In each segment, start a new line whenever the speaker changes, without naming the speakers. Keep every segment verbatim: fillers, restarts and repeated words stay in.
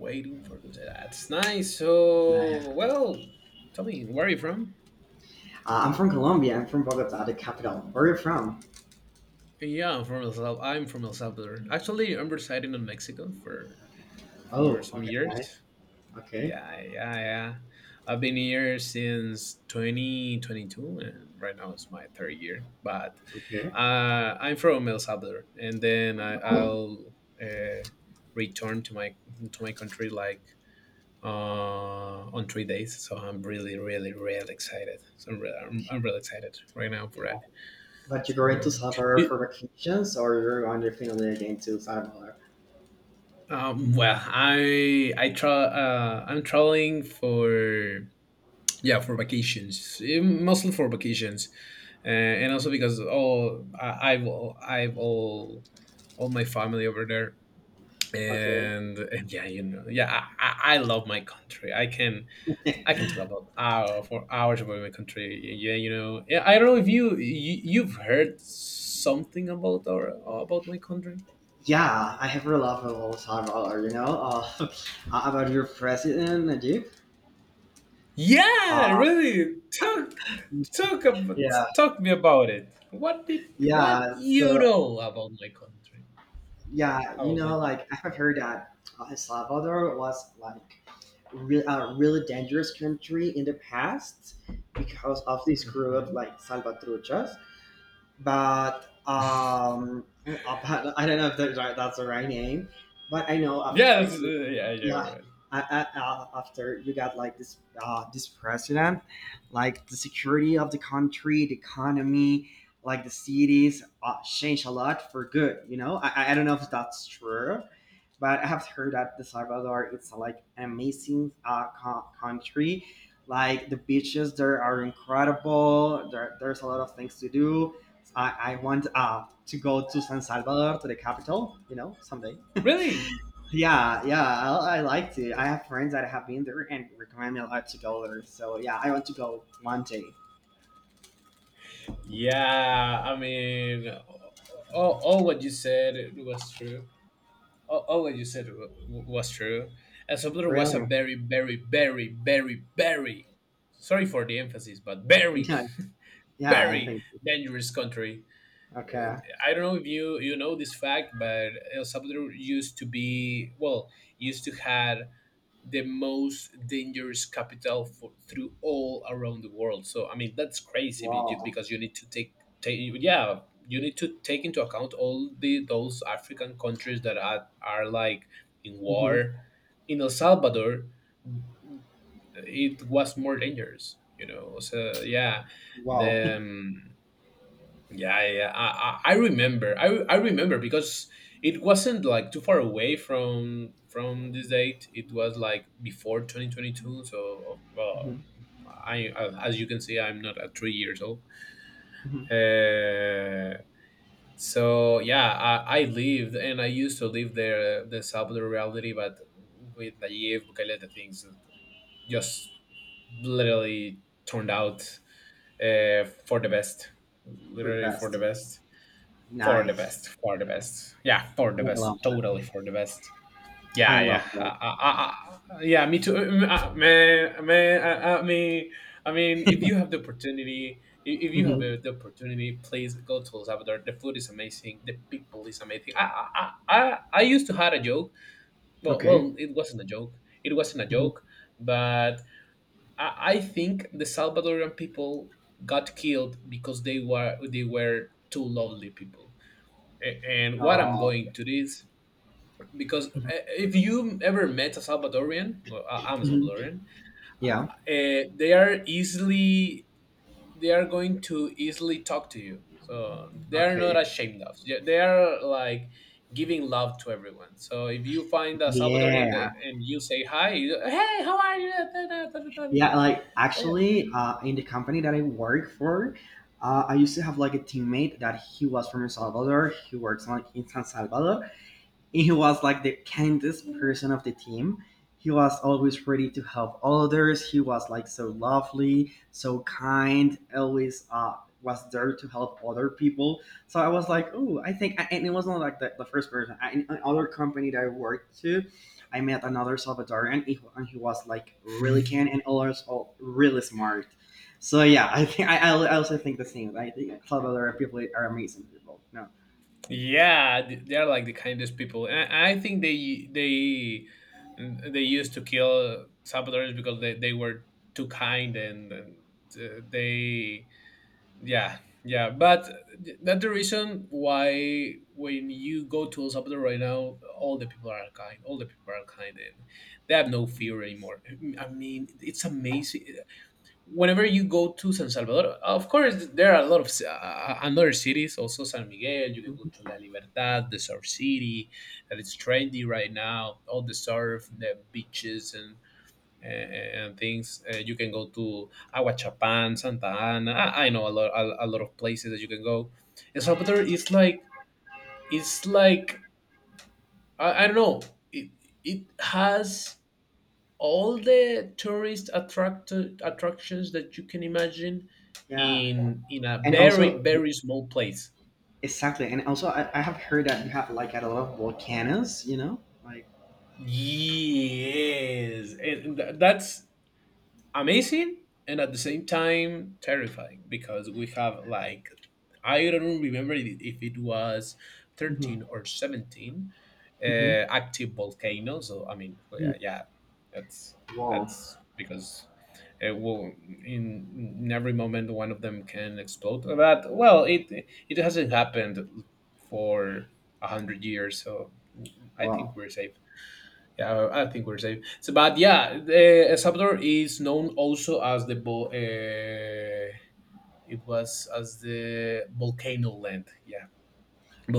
Waiting for them. That's nice.
No.
So,
Uh,
well, tell me, where are you from?
I'm from Colombia. I'm from Bogota, the capital. Where are you from?
Yeah, I'm from El Salvador. I'm from El Salvador. Actually, I'm residing in Mexico for for
Oh,
some
okay, nice.
years.
Okay,
Yeah, yeah, yeah. I've been here since twenty twenty-two, and right now it's my third year. But
okay.
uh, I'm from El Salvador, and then I, I'll uh, return to my to my country like uh, on three days. So I'm really, really, really excited. So I'm, re- I'm, I'm really excited right now for
Yeah.
it.
But you're going to
So,
Salvador for
you,
vacations, or you're on your family again to Salvador?
um, well, I I try. Uh, I'm traveling for yeah for vacations, eh, mostly for vacations, uh, and also because all I, I've all- I've all all my family over there.
Okay.
And, and yeah, you know, yeah, I, I I love my country. I can I can talk about hour for hours about my country. Yeah, you know. Yeah, I don't know if you, you you've heard something about our about my country.
Yeah, I have a love of Salvador. You know, uh, about your president Najib.
Yeah,
Uh,
really. Talk talk about
yeah,
Talk me about it. What did what
yeah.
you
So
know about my country?
yeah, you
About my
know,
you.
like I have heard that uh, El Salvador was like re- uh, really dangerous country in the past because of this group
Hmm.
like salvatruchas but um, uh, but I don't know if that's right, that's the right name. But I know after
Yes. Uh,
you,
yeah. Yeah.
yeah,
Right.
I, I, uh, after you got like this uh, this president, like the security of the country, the economy, like the cities, uh, changed a lot for good. You know, I, I I don't know if that's true. But I have heard that the Salvador it's like an amazing uh, co- country. Like the beaches there are incredible. There, there's a lot of things to do. I, I want uh, to go to San Salvador, to the capital, you know, someday.
Really?
Yeah, yeah, I, I liked it. I have friends that have been there and recommend me a lot to go there. So yeah, I want to go one day.
Yeah. I mean, all, all what you said was true. all, all what you said w- w- was true. And Sublunar was a
Really?
very, very, very, very, very, sorry for the emphasis, but very,
Yeah, yeah, I
very
think.
dangerous country.
Okay.
I don't know if you you know this fact, but El Salvador used to be well, used to had the most dangerous capital for, through all around the world. So I mean that's crazy be- you-
Wow.
because you need to take, take yeah you need to take into account all the those African countries that are, are like in
Hmm.
war. In El Salvador, it was more dangerous. You know, so yeah,
Wow.
the um, yeah, yeah. Yeah. I, I I remember. I, I remember because it wasn't like too far away from from this date. It was like before twenty twenty-two. So, well,
Hmm.
I as you can see, I'm not at three years old.
Hmm.
Uh, so yeah, I, I lived and I used to live there, uh, the Salvador reality, but with Nayib Bukele, things just literally turned out uh, for the best,
For the
literally for the
best.
best. For the
Nice.
best, for the best. Yeah, for the
I
best.
love that.
Totally for the best.
I
Yeah, yeah.
love that.
Uh, uh, uh, uh, yeah, me too. Um, uh, man, man, I, I mean, I mean, if you have the opportunity, i- if you have uh,
Hmm.
the opportunity, please go to El Salvador. The food is amazing. The people is amazing. I, I, I, I I used to had a joke. Well,
Okay.
well, it wasn't a joke. It wasn't a
Hmm.
joke, but I, I think the Salvadorian people got killed because they were they were too lovely people a- and what I'm
Oh.
going to this because uh, if you ever met a Salvadorian, well, I- I'm a
Mhm.
Salvadorian,
Yeah.
uh, they are easily they are going to easily talk to you. So they are not
Okay.
ashamed of. Yeah, they are like giving love to everyone. So if you find a Salvadorian they,
Yeah.
and you say hi, you, hey, how are you? Da, da, da, da, da, da.
Yeah, like
Yeah.
actually, uh, in the company that I work for, uh, I used to have like a teammate that he was from El Salvador. He works like in San Salvador, he was like the kindest person of the team. He was always ready to help others. He was like so lovely, so kind, always uh, was there to help other people. So I was like, oh, I think, and it wasn't like the, the first person. I, in another company that I worked to, I met another Salvadorian, he- and he was like really kind and also really smart. So yeah, I think I, I also think the same. I think Salvadorian people are amazing people. No.
Yeah, th- they are like the kindest people. And I I think they they they used to kill Salvadorans because they, they were too kind and, and uh, they yeah, yeah. But th- that's the reason why when you go to El Salvador right now, all the people are kind. All the people are kind and they have no fear anymore. I mean, it's amazing whenever you go to San Salvador, of course, there are a lot of uh, uh, another cities, also San Miguel. You can go
Mhm.
to La Libertad, the surf city, that it's trendy right now. All the surf, the beaches, and and and things. Uh, you can go to Aguachapan, Santa Ana. I, I know a lot, a, a lot of places that you can go. El Salvador is like, it's like I, I don't know. It it has all the tourist attract attractions that you can imagine
Yeah,
in in a
and
very
also
very small place,
exactly, and also I, I have heard that you have like a lot of volcanoes. You know, like.
yes, and, and that's amazing and at the same time terrifying because we have like I don't remember it- if it was
Mhm,
thirteen or seventeen
mhm,
uh, active volcanoes. So I mean, oh,
mm.
yeah, yeah, that's
Wow.
that's because it will in, in every moment one of them can explode. But well, it it hasn't happened for a hundred years, so I think
Wow.
we're safe. Yeah, I think we're safe. So, but yeah, the El Salvador is known also as the vol- uh, it was as the volcano land. Yeah,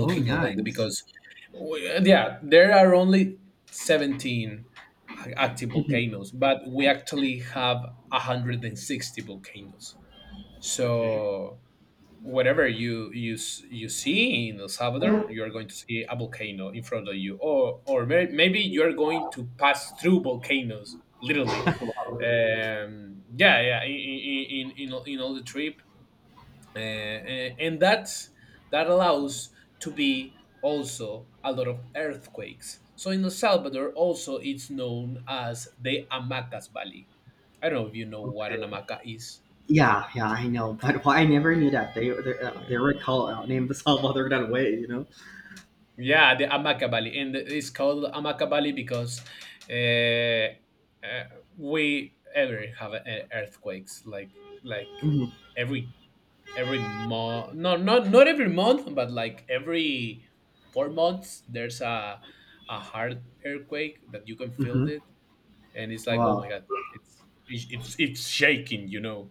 Oh,
land
nice.
because we, yeah, there are only seventeen active
Mhm.
volcanoes, but we actually have one hundred and sixty volcanoes.
Okay.
So whatever you you s- you see in El Salvador, you are going to see a volcano in front of you, or or may, maybe you are going to pass through volcanoes, literally. Um, yeah, yeah. In in in, in all in all the trip, uh, and and that's that allows to be also a lot of earthquakes. So in El Salvador, also it's known as the Amacas Valley. I don't know if you know what an
Okay.
hamaca is.
Yeah, yeah, I know, but why I never
Yeah.
knew that they they, uh, they were called uh, named Salvador that way, you know.
Yeah, the Amakabali, and it's called Amakabali because uh, uh, we ever have uh, earthquakes, like like
Hmm.
every every month. No, not not every month, but like every four months, there's a a hard earthquake that you can
Hmm.
feel it, and it's like, oh my
Wow.
god, it's it's it's, it's shaking, you know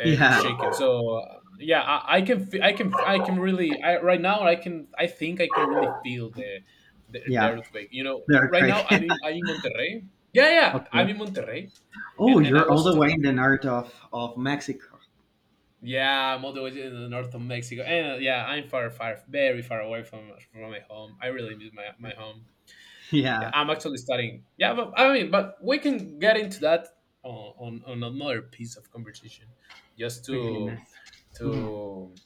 uh, it's
Yeah,
shaking. So uh, yeah, I, I can fe- I can I can really I right now I can I think I can really feel the the, the
yeah,
earthquake. You know,
they're
right now I'm
crazy.
in, I'm in Monterrey. Yeah, yeah, I'm
Okay.
in Monterrey,
Oh,
and and I
you're all
was
the way
talking
in
to.
the north of of Mexico.
Yeah, I'm all the way in the north of Mexico, and uh, yeah, I'm far, far, very far away from from my home. I really miss my my home. Yeah,
Yeah.
I'm actually studying. Yeah, but I mean, but we can get into that on on, on another piece of conversation, just
Okay.
to
Nice. Hmm.
to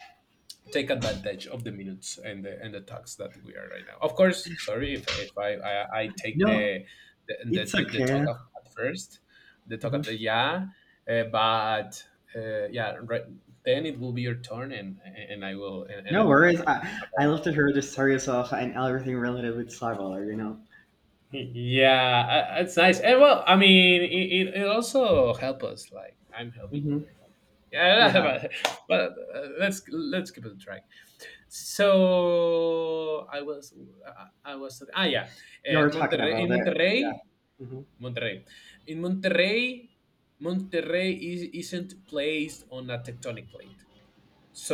take advantage of the minutes and the and the talks that we are right now. Of course, sorry if if I I, I take
No,
the the, the
it's
the the talk
okay.
of, at first, the talk at the
Mm-hmm.
yeah, uh, but uh, yeah, right, then it will be your turn and and I will and, and
No
I will hear
worries.
you.
I, I love
About-
to hear the stories of and everything related with cyber, you know.
Yeah, uh, it's nice. And well, I mean, it, it, it also help us. Like I'm helping you.
Hmm.
Yeah,
Yeah,
but, but uh, let's let's keep it dry. So I was I I was ah yeah, uh,
you're talking
Monterrey in
about it. Yeah.
Monterrey,
Mhm.
Monterrey in Monterrey, Monterrey is, isn't placed on a tectonic plate.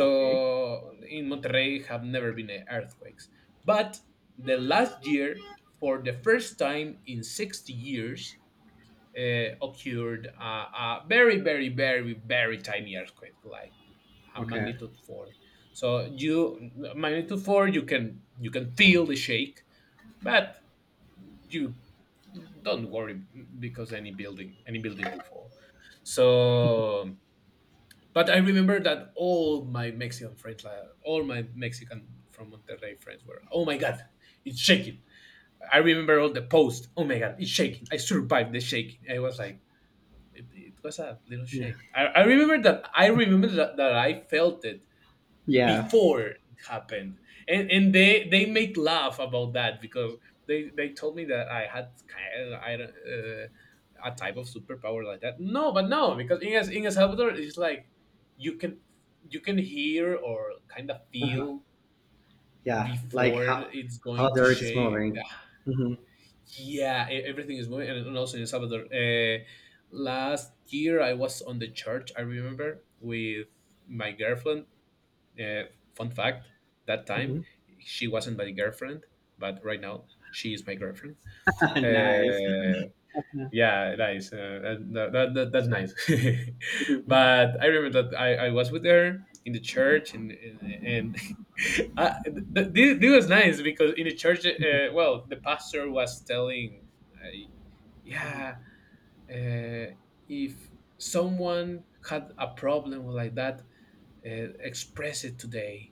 Okay.
in Monterrey have never been uh, earthquakes, but the last year for the first time in sixty years uh, occurred a, a very, very, very, very tiny earthquake, like a
Okay.
magnitude four. So you magnitude four, you can you can feel the shake, but you don't worry because any building any building will fall. So, but I remember that all my Mexican friends, like, all my Mexican from Monterrey friends were, oh my god, it's shaking. I remember all the posts. Oh my god, it's shaking. I survived the shaking. I was like, it, it was a little
Yeah.
shake. I, I remember that. I remember that, that I felt it
Yeah.
before it happened, and and they they make laugh about that because they they told me that I had kind I don't, uh, a type of superpower like that. No, but no, because in El, in El Salvador it's like you can you can hear or kind of
Uh-huh.
feel
Yeah. Like
before
how
it's
how
going to
the rate is
shake,
moving. Hmm.
yeah, e- everything is moving, and and also in El Salvador. Uh, last year, I was on the church. I remember with my girlfriend. Uh, fun fact: that time
Hmm.
she wasn't my girlfriend, but right now she is my girlfriend.
Nice.
Uh,
Yeah.
yeah, nice. Uh, that, that, that, that- that's nice.
Mhm.
but I remember that I, I was with her in the church, and and, and I, th- th- this was nice because in the church,
Mhm.
uh, well, the pastor was telling, uh, yeah,
Mhm.
uh, if someone had a problem like that, uh, express it today.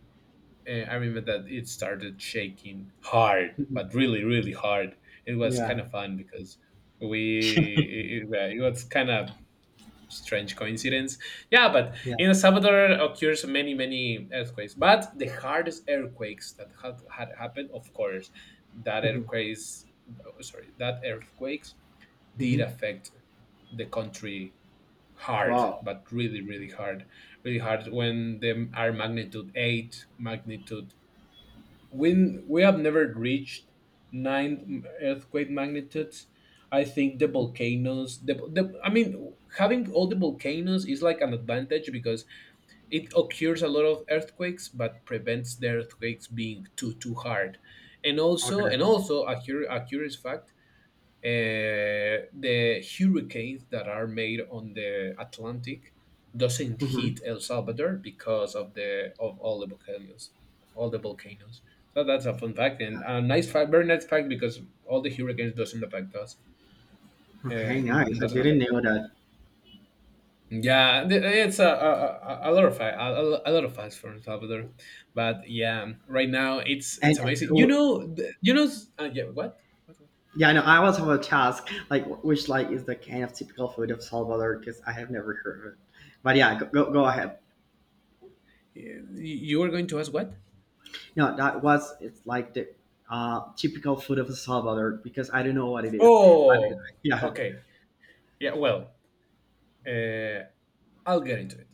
uh, I remember that it started shaking hard,
Mhm.
but really, really hard. It was
Yeah.
kind of fun because we it, it yeah, it was kind of strange coincidence. Yeah, but
Yeah.
in El Salvador occurs many, many earthquakes. But the hardest earthquakes that had, had happened, of course, that
Hmm.
earthquakes, sorry, that earthquakes did
Hmm.
affect the country hard,
Wow.
but really, really hard, really hard. When them are magnitude eight, magnitude we we have never reached nine earthquake magnitudes. I think the volcanoes, the, the I mean, having all the volcanoes is like an advantage because it occurs a lot of earthquakes, but prevents the earthquakes being too too hard. And
Okay.
also, and also a, cur- a curious fact, uh, the hurricanes that are made on the Atlantic doesn't
Hmm.
hit El Salvador because of the of all the volcanoes, all the volcanoes. So that's a fun fact and a nice fact, very nice fact because all the hurricanes doesn't affect us. Uh,
Okay.
n-
Nice. I
doesn't
didn't
affect us.
know that.
Yeah, th- it's a a, a a lot of fa- a, a a lot of facts from El Salvador, but yeah, right now it's it's
And
amazing. You know, th- you know, uh, yeah, what? What? What?
yeah, no. I was have a task like which like is the kind of typical food of Salvador because I have never heard of it. But yeah, go, go, go ahead.
You you were going to ask what?
No, that was it's like the uh, typical food of Salvador because I don't know what it is. But uh,
Oh,
yeah,
okay. Yeah, well, uh, I'll get into it.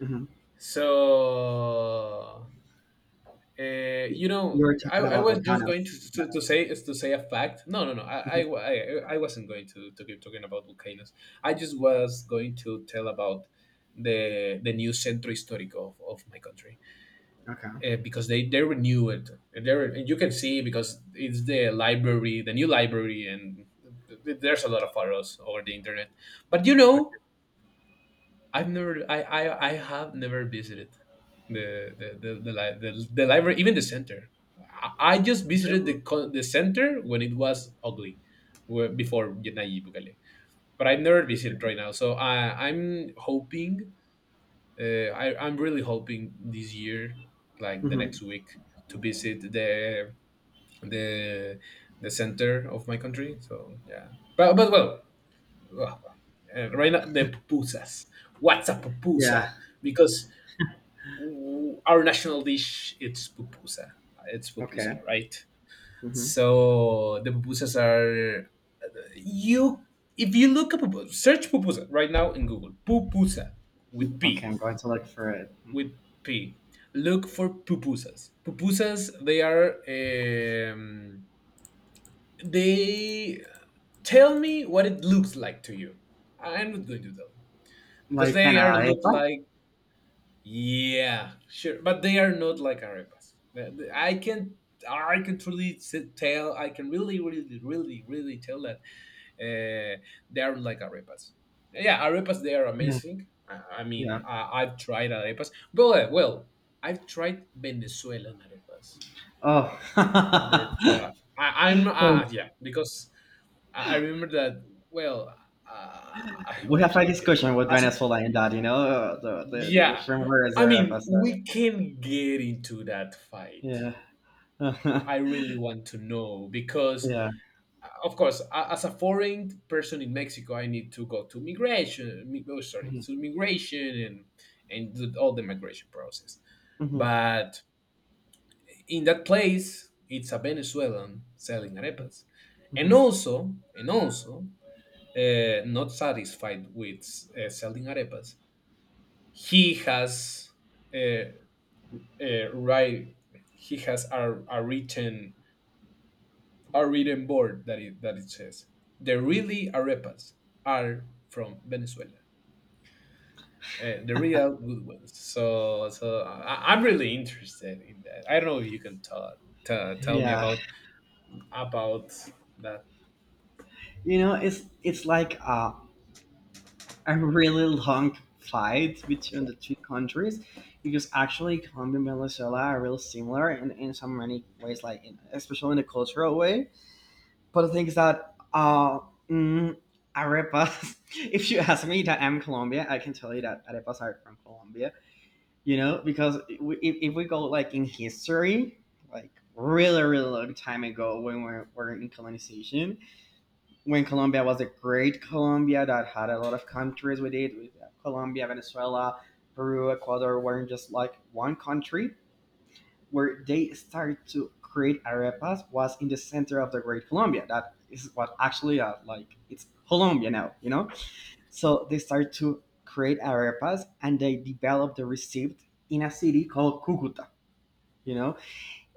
hmm
So, uh, you know,
you're
I,
talking
I
about
was just going to,
volcanoes. Yeah.
to, to say is to say a fact. No, no, no. I, I,
Mhm.
I, I wasn't going to, to keep talking about volcanoes. I just was going to tell about the the new centro histórico of, of my country,
Okay.
uh, because they they renew it. And They re- and you can see because it's the library, the new library, and th- th- there's a lot of photos over the internet. But you know, I've never, I, I, I have never visited the the the the, li- the, the library, even the center. I, I just visited the co- the center when it was ugly, where, before Nayib Bukele. But I've never visited
Okay.
right now, so I, I'm hoping, uh, I, I'm really hoping this year, like the
Hmm.
next week, to visit the the the center of my country. So yeah, but but well, ugh. Uh, right now, the pupusas. What's a
Yeah.
pupusa? Because w- our national dish it's pupusa. It's pupusa,
Okay.
right?
Hmm.
So the pupusas are you. If you look up pupusa, search pupusa right now in Google. Pupusa with
Okay,
P,
I'm going to look for it. Mhm.
with P. Look for pupusas. Pupusas. They are. Um, they tell me what it looks like to you. I'm not going to tell you because
Like an
they are look
arepa?
like. Yeah, sure, but they are not like arepas. The- the- I can, I can truly s- tell. I can really, really, really, really tell that uh, they are like arepas. Yeah, arepas they are
Yeah.
amazing. I, I mean,
Yeah.
I, I've tried arepas. Well, uh, well, I've tried Venezuelan arepas.
Oh.
I've never tried. I, I'm
Okay.
uh, yeah because I I remember that. Well, uh,
We have a
okay.
discussion with
As a,
Venezuela in that, you know, uh, the, the, the
yeah,
from where is
I
Europa?
mean,
So
we can get into that fight.
yeah,
I I really want to know because,
yeah.
uh, of course, a- as a foreign person in Mexico, I need to go to migration. mi- Oh, sorry, to
Mhm.
immigration and and do all the migration process.
Mhm.
But in that place, it's a Venezuelan selling arepas, and
Mhm.
also and also uh, not satisfied with uh, selling arepas, he has. Uh, uh, right, he has a, a written, a written board that it that it says the
Mhm.
really arepas are from Venezuela. Uh, the real good ones. So so I, I'm really interested in that. I don't know if you can tell t- tell me
Yeah.
about about that.
You know, it's it's like a, a really long fight between the two countries because actually Colombia and Venezuela are really similar in, in so many ways, like in, especially in a cultural way. But the thing is that uh, mm, arepas. If you ask me that I'm Colombia, I can tell you that arepas are from Colombia, you know, because if, if we go like in history, like really really long time ago, when we were we in colonization, when Colombia was a great Colombia that had a lot of countries with it with uh, Colombia, Venezuela, Peru, Ecuador, were not just like one country. Where they started to create arepas was in the center of the great Colombia, that is what actually uh, like it's Colombia now, you know. So they started to create arepas and they developed the recipe in a city called Cucuta. You know,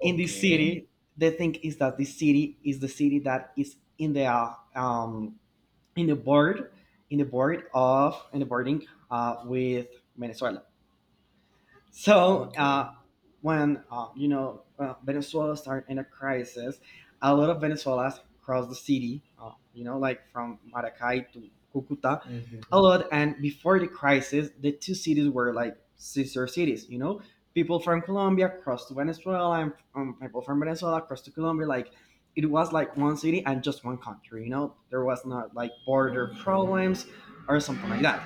in this city, they think is that this city is the city that is in the uh, um, in the board in the board of in the boarding uh, with Venezuela. So
Okay.
uh, when uh, you know, uh, Venezuela started in a crisis, a lot of Venezuelans crossed the city. Uh, you know, like from Maracay to Cucuta, a
Hmm.
lot. And before the crisis, the two cities were like sister cities. You know, people from Colombia crossed to Venezuela, and um, people from Venezuela crossed to Colombia. Like it was like one city and just one country. You know, there was not like border
Okay.
problems or something like that.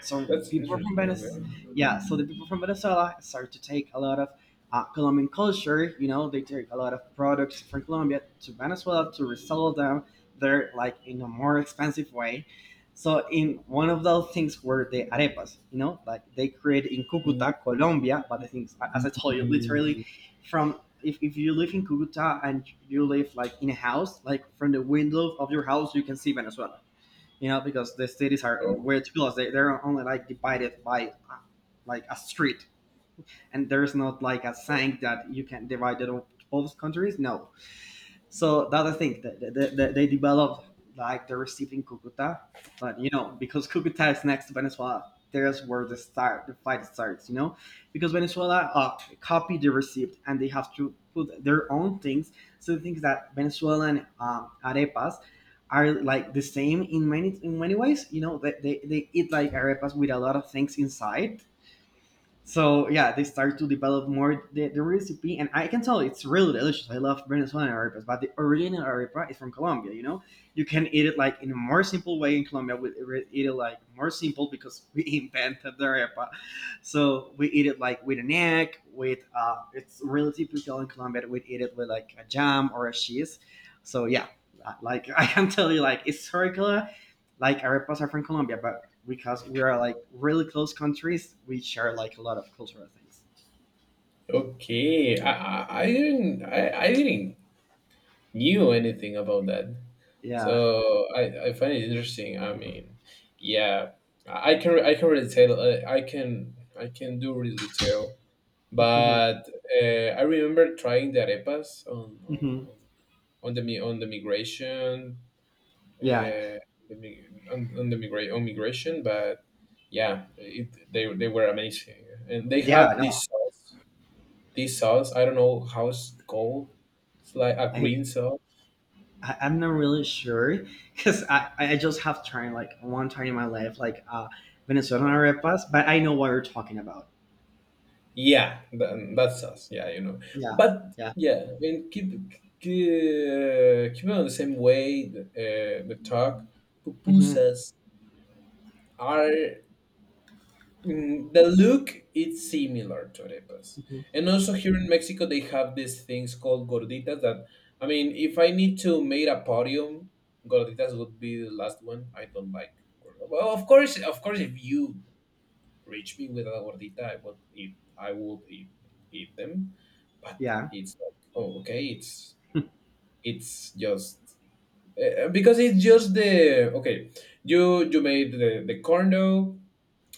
So the
That's
people from
interesting.
Venice,
Okay.
yeah. So the people from Venezuela start to take a lot of uh, Colombian culture. You know, they take a lot of products from Colombia to Venezuela to resell them there, like in a more expensive way. So in one of those things were the arepas. You know, like they create in
Ooh.
Cucuta, Colombia. But the things, as I told you, literally from if, if you live in Cucuta and you live like in a house, like from the window of your house, you can see Venezuela, you know, because the cities are
Oh,
weird because they, they're only like divided by uh, like a street, and there's not like a saying that you can divide it up both countries. No, so the other thing that that- that- that they developed like the recipe in Cucuta, but you know because Cucuta is next to Venezuela, there's where the start the fight starts. You know, because Venezuela uh, copied the receipt and they have to put their own things. So the things that Venezuelan um, arepas are like the same in many in many ways. You know, they, they, they eat like arepas with a lot of things inside, so yeah, they start to develop more the, the recipe, and I can tell it's really delicious. I love Venezuelan arepas, but the original arepa is from Colombia. You know, you can eat it like in a more simple way in Colombia. We re- eat it like more simple because we invented the arepa, so we eat it like with an egg. With uh, it's really typical in Colombia. We eat it with like a jam or a cheese. So yeah, like I can tell you, like it's historical, like arepas are from Colombia, but because we are like really close countries, we share like a lot of cultural things.
okay. I, I I didn't, I, I didn't knew anything about that.
Yeah.
So I, I find it interesting. I mean, yeah, I I can, I can really tell, uh, I can, I can do really tell. But uh, I remember trying the arepas on on,
Hmm.
on, on the mi- on the migration, uh,
Yeah.
the, mi- on, on the migra- on migration. But yeah, it, they they were amazing, and they
Yeah.
have
No,
this sauce. This sauce I don't know how it's called. It's like a
I,
green sauce.
I I'm not really sure because I I just have tried like one time in my life like uh Venezuelan arepas, but I know what you're talking about.
Yeah, th- that's us. Yeah, you know.
Yeah.
But
Yeah.
yeah, I mean, keep keep, uh, keep on the same way. The, uh, the talk
Hmm.
pupusas are, mm, the look. It's similar to arepas,
Hmm.
and also here in Mexico they have these things called gorditas. That I mean, if I need to make a podium, gorditas would be the last one. I don't like. gor- Well, of course, of course, if you reach me with a gordita, I would eat. I would eat, eat them, but
Yeah.
it's like oh okay it's it's just, uh, because it's just the okay, you you made the, the corn dough,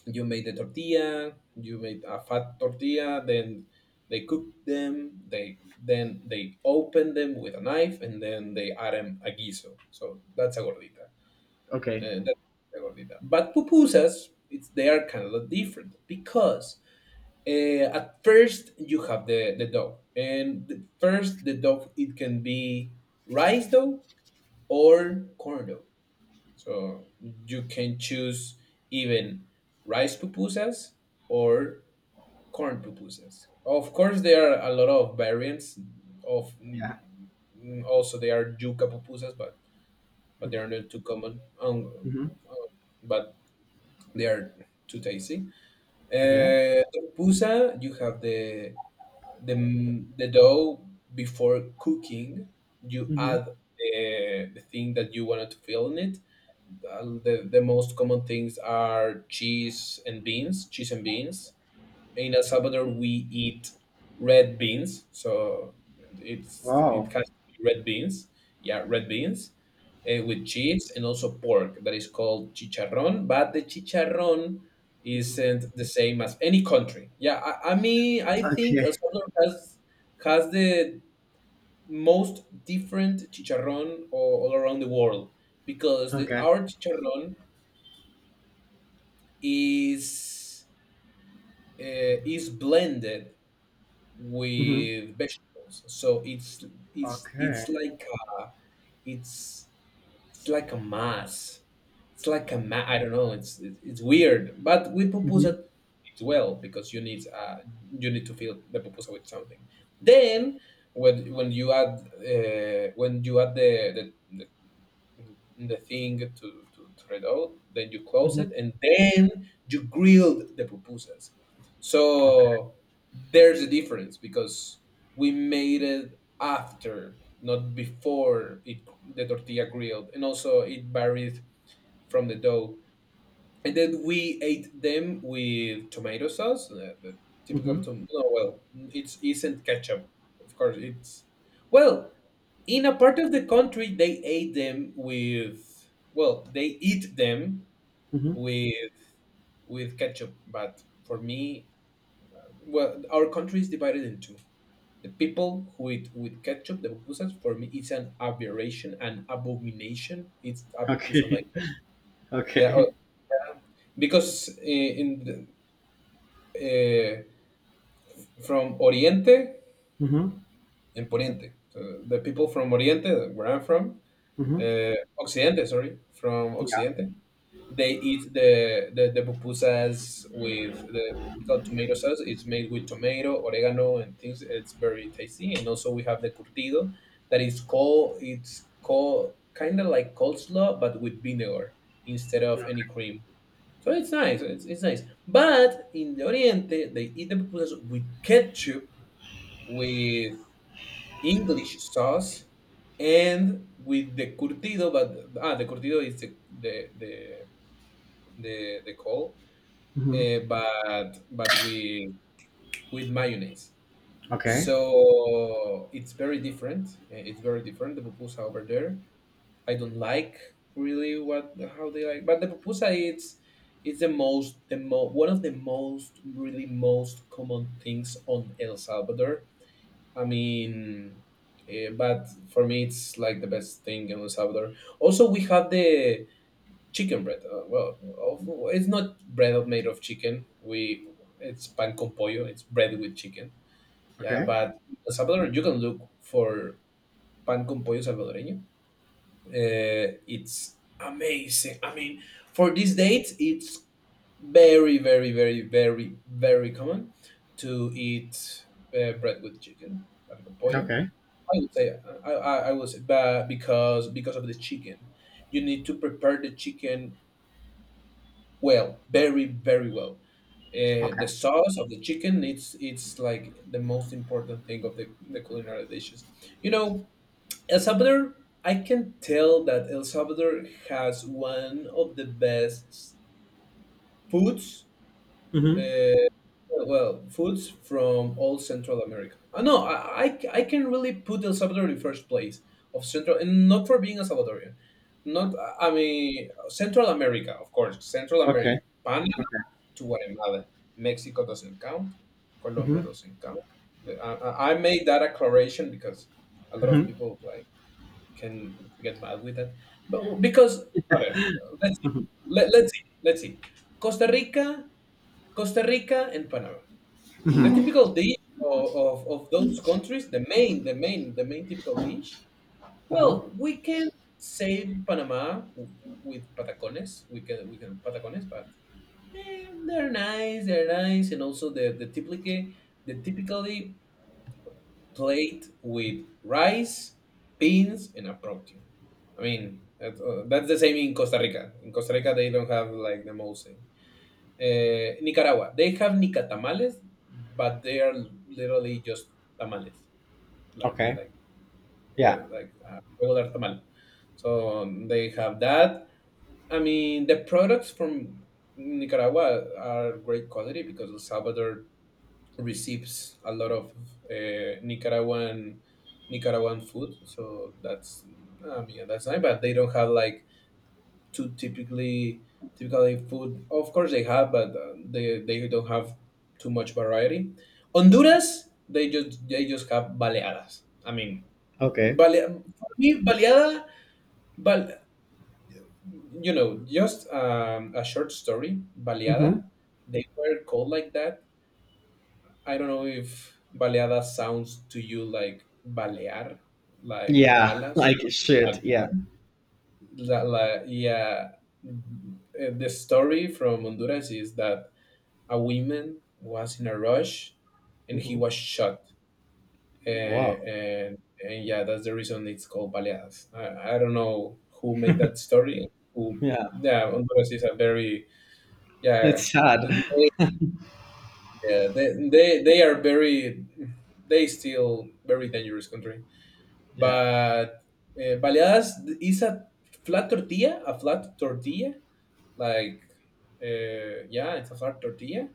you made the tortilla, you made a fat tortilla, then they cook them, they then they open them with a knife and then they add them a guiso, so that's a gordita,
Okay.
and that's a gordita. But pupusas it's they are kind of different because uh, at first you have the the dough and the- first the dough it can be rice dough or corn dough, so you can choose even rice pupusas or corn pupusas. Of course there are a lot of variants of, mm,
Yeah.
also they are yuca pupusas, but but they are not too common, um,
Hmm.
um, but they are too tasty.
Okay.
Uh, the pupusa, you have the the the dough before cooking. You
Hmm.
add the, the thing that you wanted to fill in it. Uh, the, the most common things are cheese and beans, cheese and beans. In El Salvador we eat red beans, so it's it
Wow.
has to be red beans. Yeah, red beans uh, with cheese and also pork that is called chicharrón, but the chicharrón
Hmm.
isn't the same as any country. Yeah, I, I mean I think
Okay.
El Salvador has has the most different chicharrón all, all around the world because the,
Okay.
our chicharrón is, uh, is blended
Hmm.
with vegetables. So it's it's
Okay.
it's like a, it's it's like a mass. It's like a ma-, I don't know. It's it's it's weird, but with
Hmm.
pupusa it's well because you need, uh you need to fill the pupusa with something. Then when when you add, uh, when you add the, the the the thing to, to, to red out, then you close
Hmm.
it, and then you grilled the pupusas. So there's a difference because we made it after, not before it the tortilla grilled, and also it varied from the dough, and then we ate them with tomato sauce, the, the typical
Mhm.
tom. No, well, it isn't ketchup, of course. It's well, in a part of the country they ate them with. Well, they eat them
Mhm.
with with ketchup, but for me, well, our country is divided in two. The people who eat with ketchup, the pupusas, for me, it's an aberration, an abomination. It's a pupusa
Okay.
like, yeah, uh,
Okay.
because in, in the, uh, from Oriente
Mhm.
and Poniente. So the people from Oriente, where I'm from,
Mhm.
uh, Occidente, sorry, from
Yeah.
Occidente, they eat the, the, the pupusas with the typical tomato sauce. It's made with tomato, oregano, and things. It's very tasty. And also we have the curtido, that is called, it's called kind of like coleslaw, but with vinegar instead of any
Okay.
cream. So it's nice. It's, it's nice. But in the Oriente, they eat the pupusas with ketchup, with English sauce, and with the curtido, but ah, the curtido is the the the the, the call,
Mhm.
uh, but but with with mayonnaise.
Okay.
So it's very different. eh, It's very different. The pupusa over there, I don't like really what how they like, but the pupusa it's it's the most the mo- one of the most really most common things on El Salvador. I mean, eh, but for me, it's like the best thing in El Salvador. Also, we have the chicken bread. Uh, well, of- it's not bread made of chicken. We it's pan con pollo. It's bread with chicken. Yeah,
Okay.
but in El Salvador, you can look for pan con pollo salvadoreño. Uh, it's amazing. I mean, for these dates, it's very, very, very, very, very common to eat uh, bread with chicken, pan con pollo.
Okay.
I would say I, I, I would say that because because of the chicken, you need to prepare the chicken well, very very well. Uh,
Okay.
the sauce of the chicken it's it's like the most important thing of the, the culinary dishes. You know, El Salvador, I can tell that El Salvador has one of the best foods.
Mhm.
Uh, Well, foods from all Central America. Uh, no, I, I, I can really put El Salvador in first place of Central, and not for being a Salvadorian. Not, I mean, Central America, of course, Central
Okay.
America. Panama
Okay.
to Guatemala. Mexico doesn't count. Colombia
Mhm.
doesn't count. The- I, I I made that declaration because a lot of
Mhm.
people like can get mad with that. But because, okay, let's see.
Mhm.
Let, let's see. Let's see. Costa Rica, Costa Rica, and Panama. The
Mhm.
typical dish of, of, of those countries, the main, the main, the main typical dish.
Uh-huh.
Well, we can save Panama w- with patacones. We can we can patacones, but eh, they're nice. They're nice, and also the the typically the typically plate with rice, beans, and a protein. I mean, that, uh, that's the same in Costa Rica. In Costa Rica, they don't have like the mole. Uh, Nicaragua, they have nicatamales, but they are literally just tamales, like
Okay.
like uh,
Yeah.
like a regular tamal. So they have that. I mean, the products from Nicaragua are great quality because El Salvador receives a lot of uh, Nicaraguan Nicaraguan food. So that's I mean that's nice, but they don't have like too typically typically food. Of course they have, but uh, they they don't have too much variety. Honduras, they just they just have baleadas. I mean,
Okay.
bale for me baleada, bal, you know, just um, a short story.
Mhm.
Baleada, they were called like that. I don't know if baleada sounds to you like balear, like
Yeah.
balas.
Like shit. Yeah.
La, la, yeah. Uh, the story from Honduras is that a woman was in a rush and he
Mhm.
was shot. Uh,
Wow.
and, and yeah, that's the reason it's called Baleadas. I, I don't know who made that story. Who,
Yeah.
yeah, Honduras is a very, yeah,
It's sad.
th- yeah, they, they, they are very, they still very dangerous country.
Yeah.
But uh, Baleadas is a flat tortilla, a flat tortilla, like, uh, yeah, it's a flat tortilla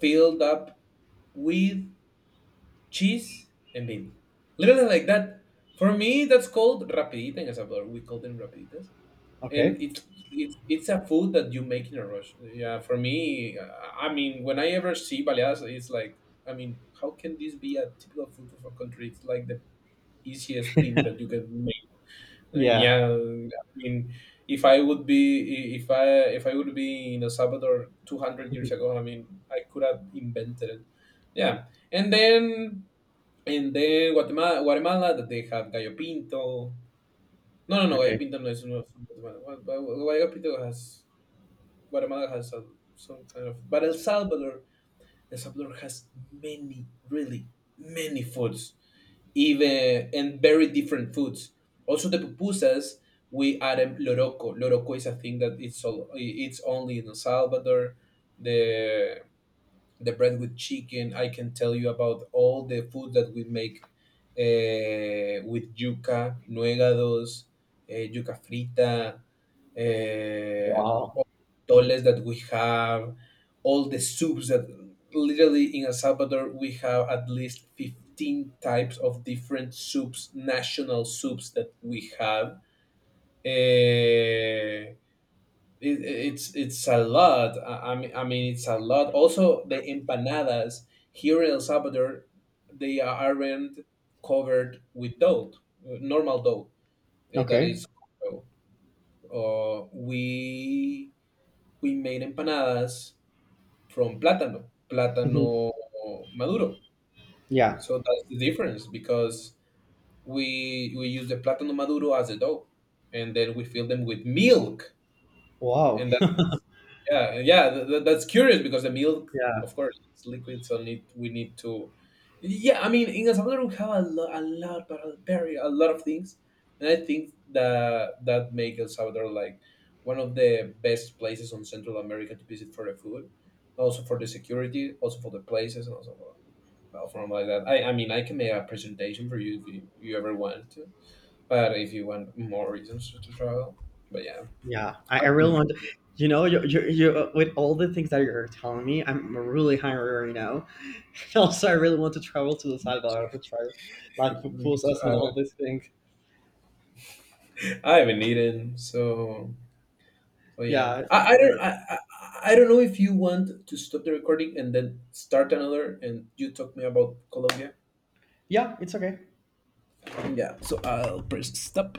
filled up with cheese and baby. Literally like that. For me, that's called rapidita in El Salvador. We call them rapiditas,
Okay.
and it's it's it's a food that you make in a rush. Yeah, for me, I I mean, when I ever see baleadas, it's like, I mean, how can this be a typical food of a country? It's like the easiest thing that you can make. Uh,
Yeah.
Yeah, I mean, if I would be I- if I if I would be in El Salvador two hundred years
Mhm.
ago, I mean, I could have invented it. Yeah, and then and then Guatemala, Guatemala that they have Gallo Pinto. No, no, no, Gallo
Okay.
Pinto no is not from Guatemala. Gua- Gua- Gallo Pinto has, Guatemala has some, some kind of, but El Salvador, El Salvador has many, really many foods, even, and very different foods. Also the pupusas, we add them loroco. Loroco is a thing that it's all, it's only in El Salvador. The the bread with chicken. I can tell you about all the food that we make eh, with yuca, nuegados, eh, yuca frita, eh,
Wow.
toles that we have, all the soups that literally in El Salvador we have at least fifteen types of different soups, national soups that we have. Eh, it, it's it's a lot. I, I mean, I mean, it's a lot. Also, the empanadas here in El Salvador, they aren't covered with dough, uh, normal dough uh, that
Okay.
is. Uh, we we made empanadas from plátano,
Mhm.
plátano maduro.
Yeah.
So that's the difference because we we use the plátano maduro as a dough, and then we fill them with milk,
Wow.
and yeah, yeah, th- th- that's curious because the milk, of
Yeah.
course, it's liquid, so need we need to. Yeah, I mean, in El Salvador we have a, lo- a lot, but a very a lot of things, and I think that that make El Salvador like one of the best places on Central America to visit for the food, also for the security, also for the places, and also for, well, from like that. I I mean, I can make a presentation for you if you, you ever want to, but if you want more reasons to travel, but yeah,
Yeah, I, I
I
really
think.
want to. You know, you you you with all the things that you're telling me, I'm really hungry right now. Also, I really want to travel to the Salvador to try like pupusas and all these things.
I haven't eaten, so so yeah.
Yeah,
I,
it's
I don't I,
amazing.
I I don't know if you want to stop the recording and then start another, and you talk me about Colombia.
Yeah, it's okay.
Yeah, so I'll press stop.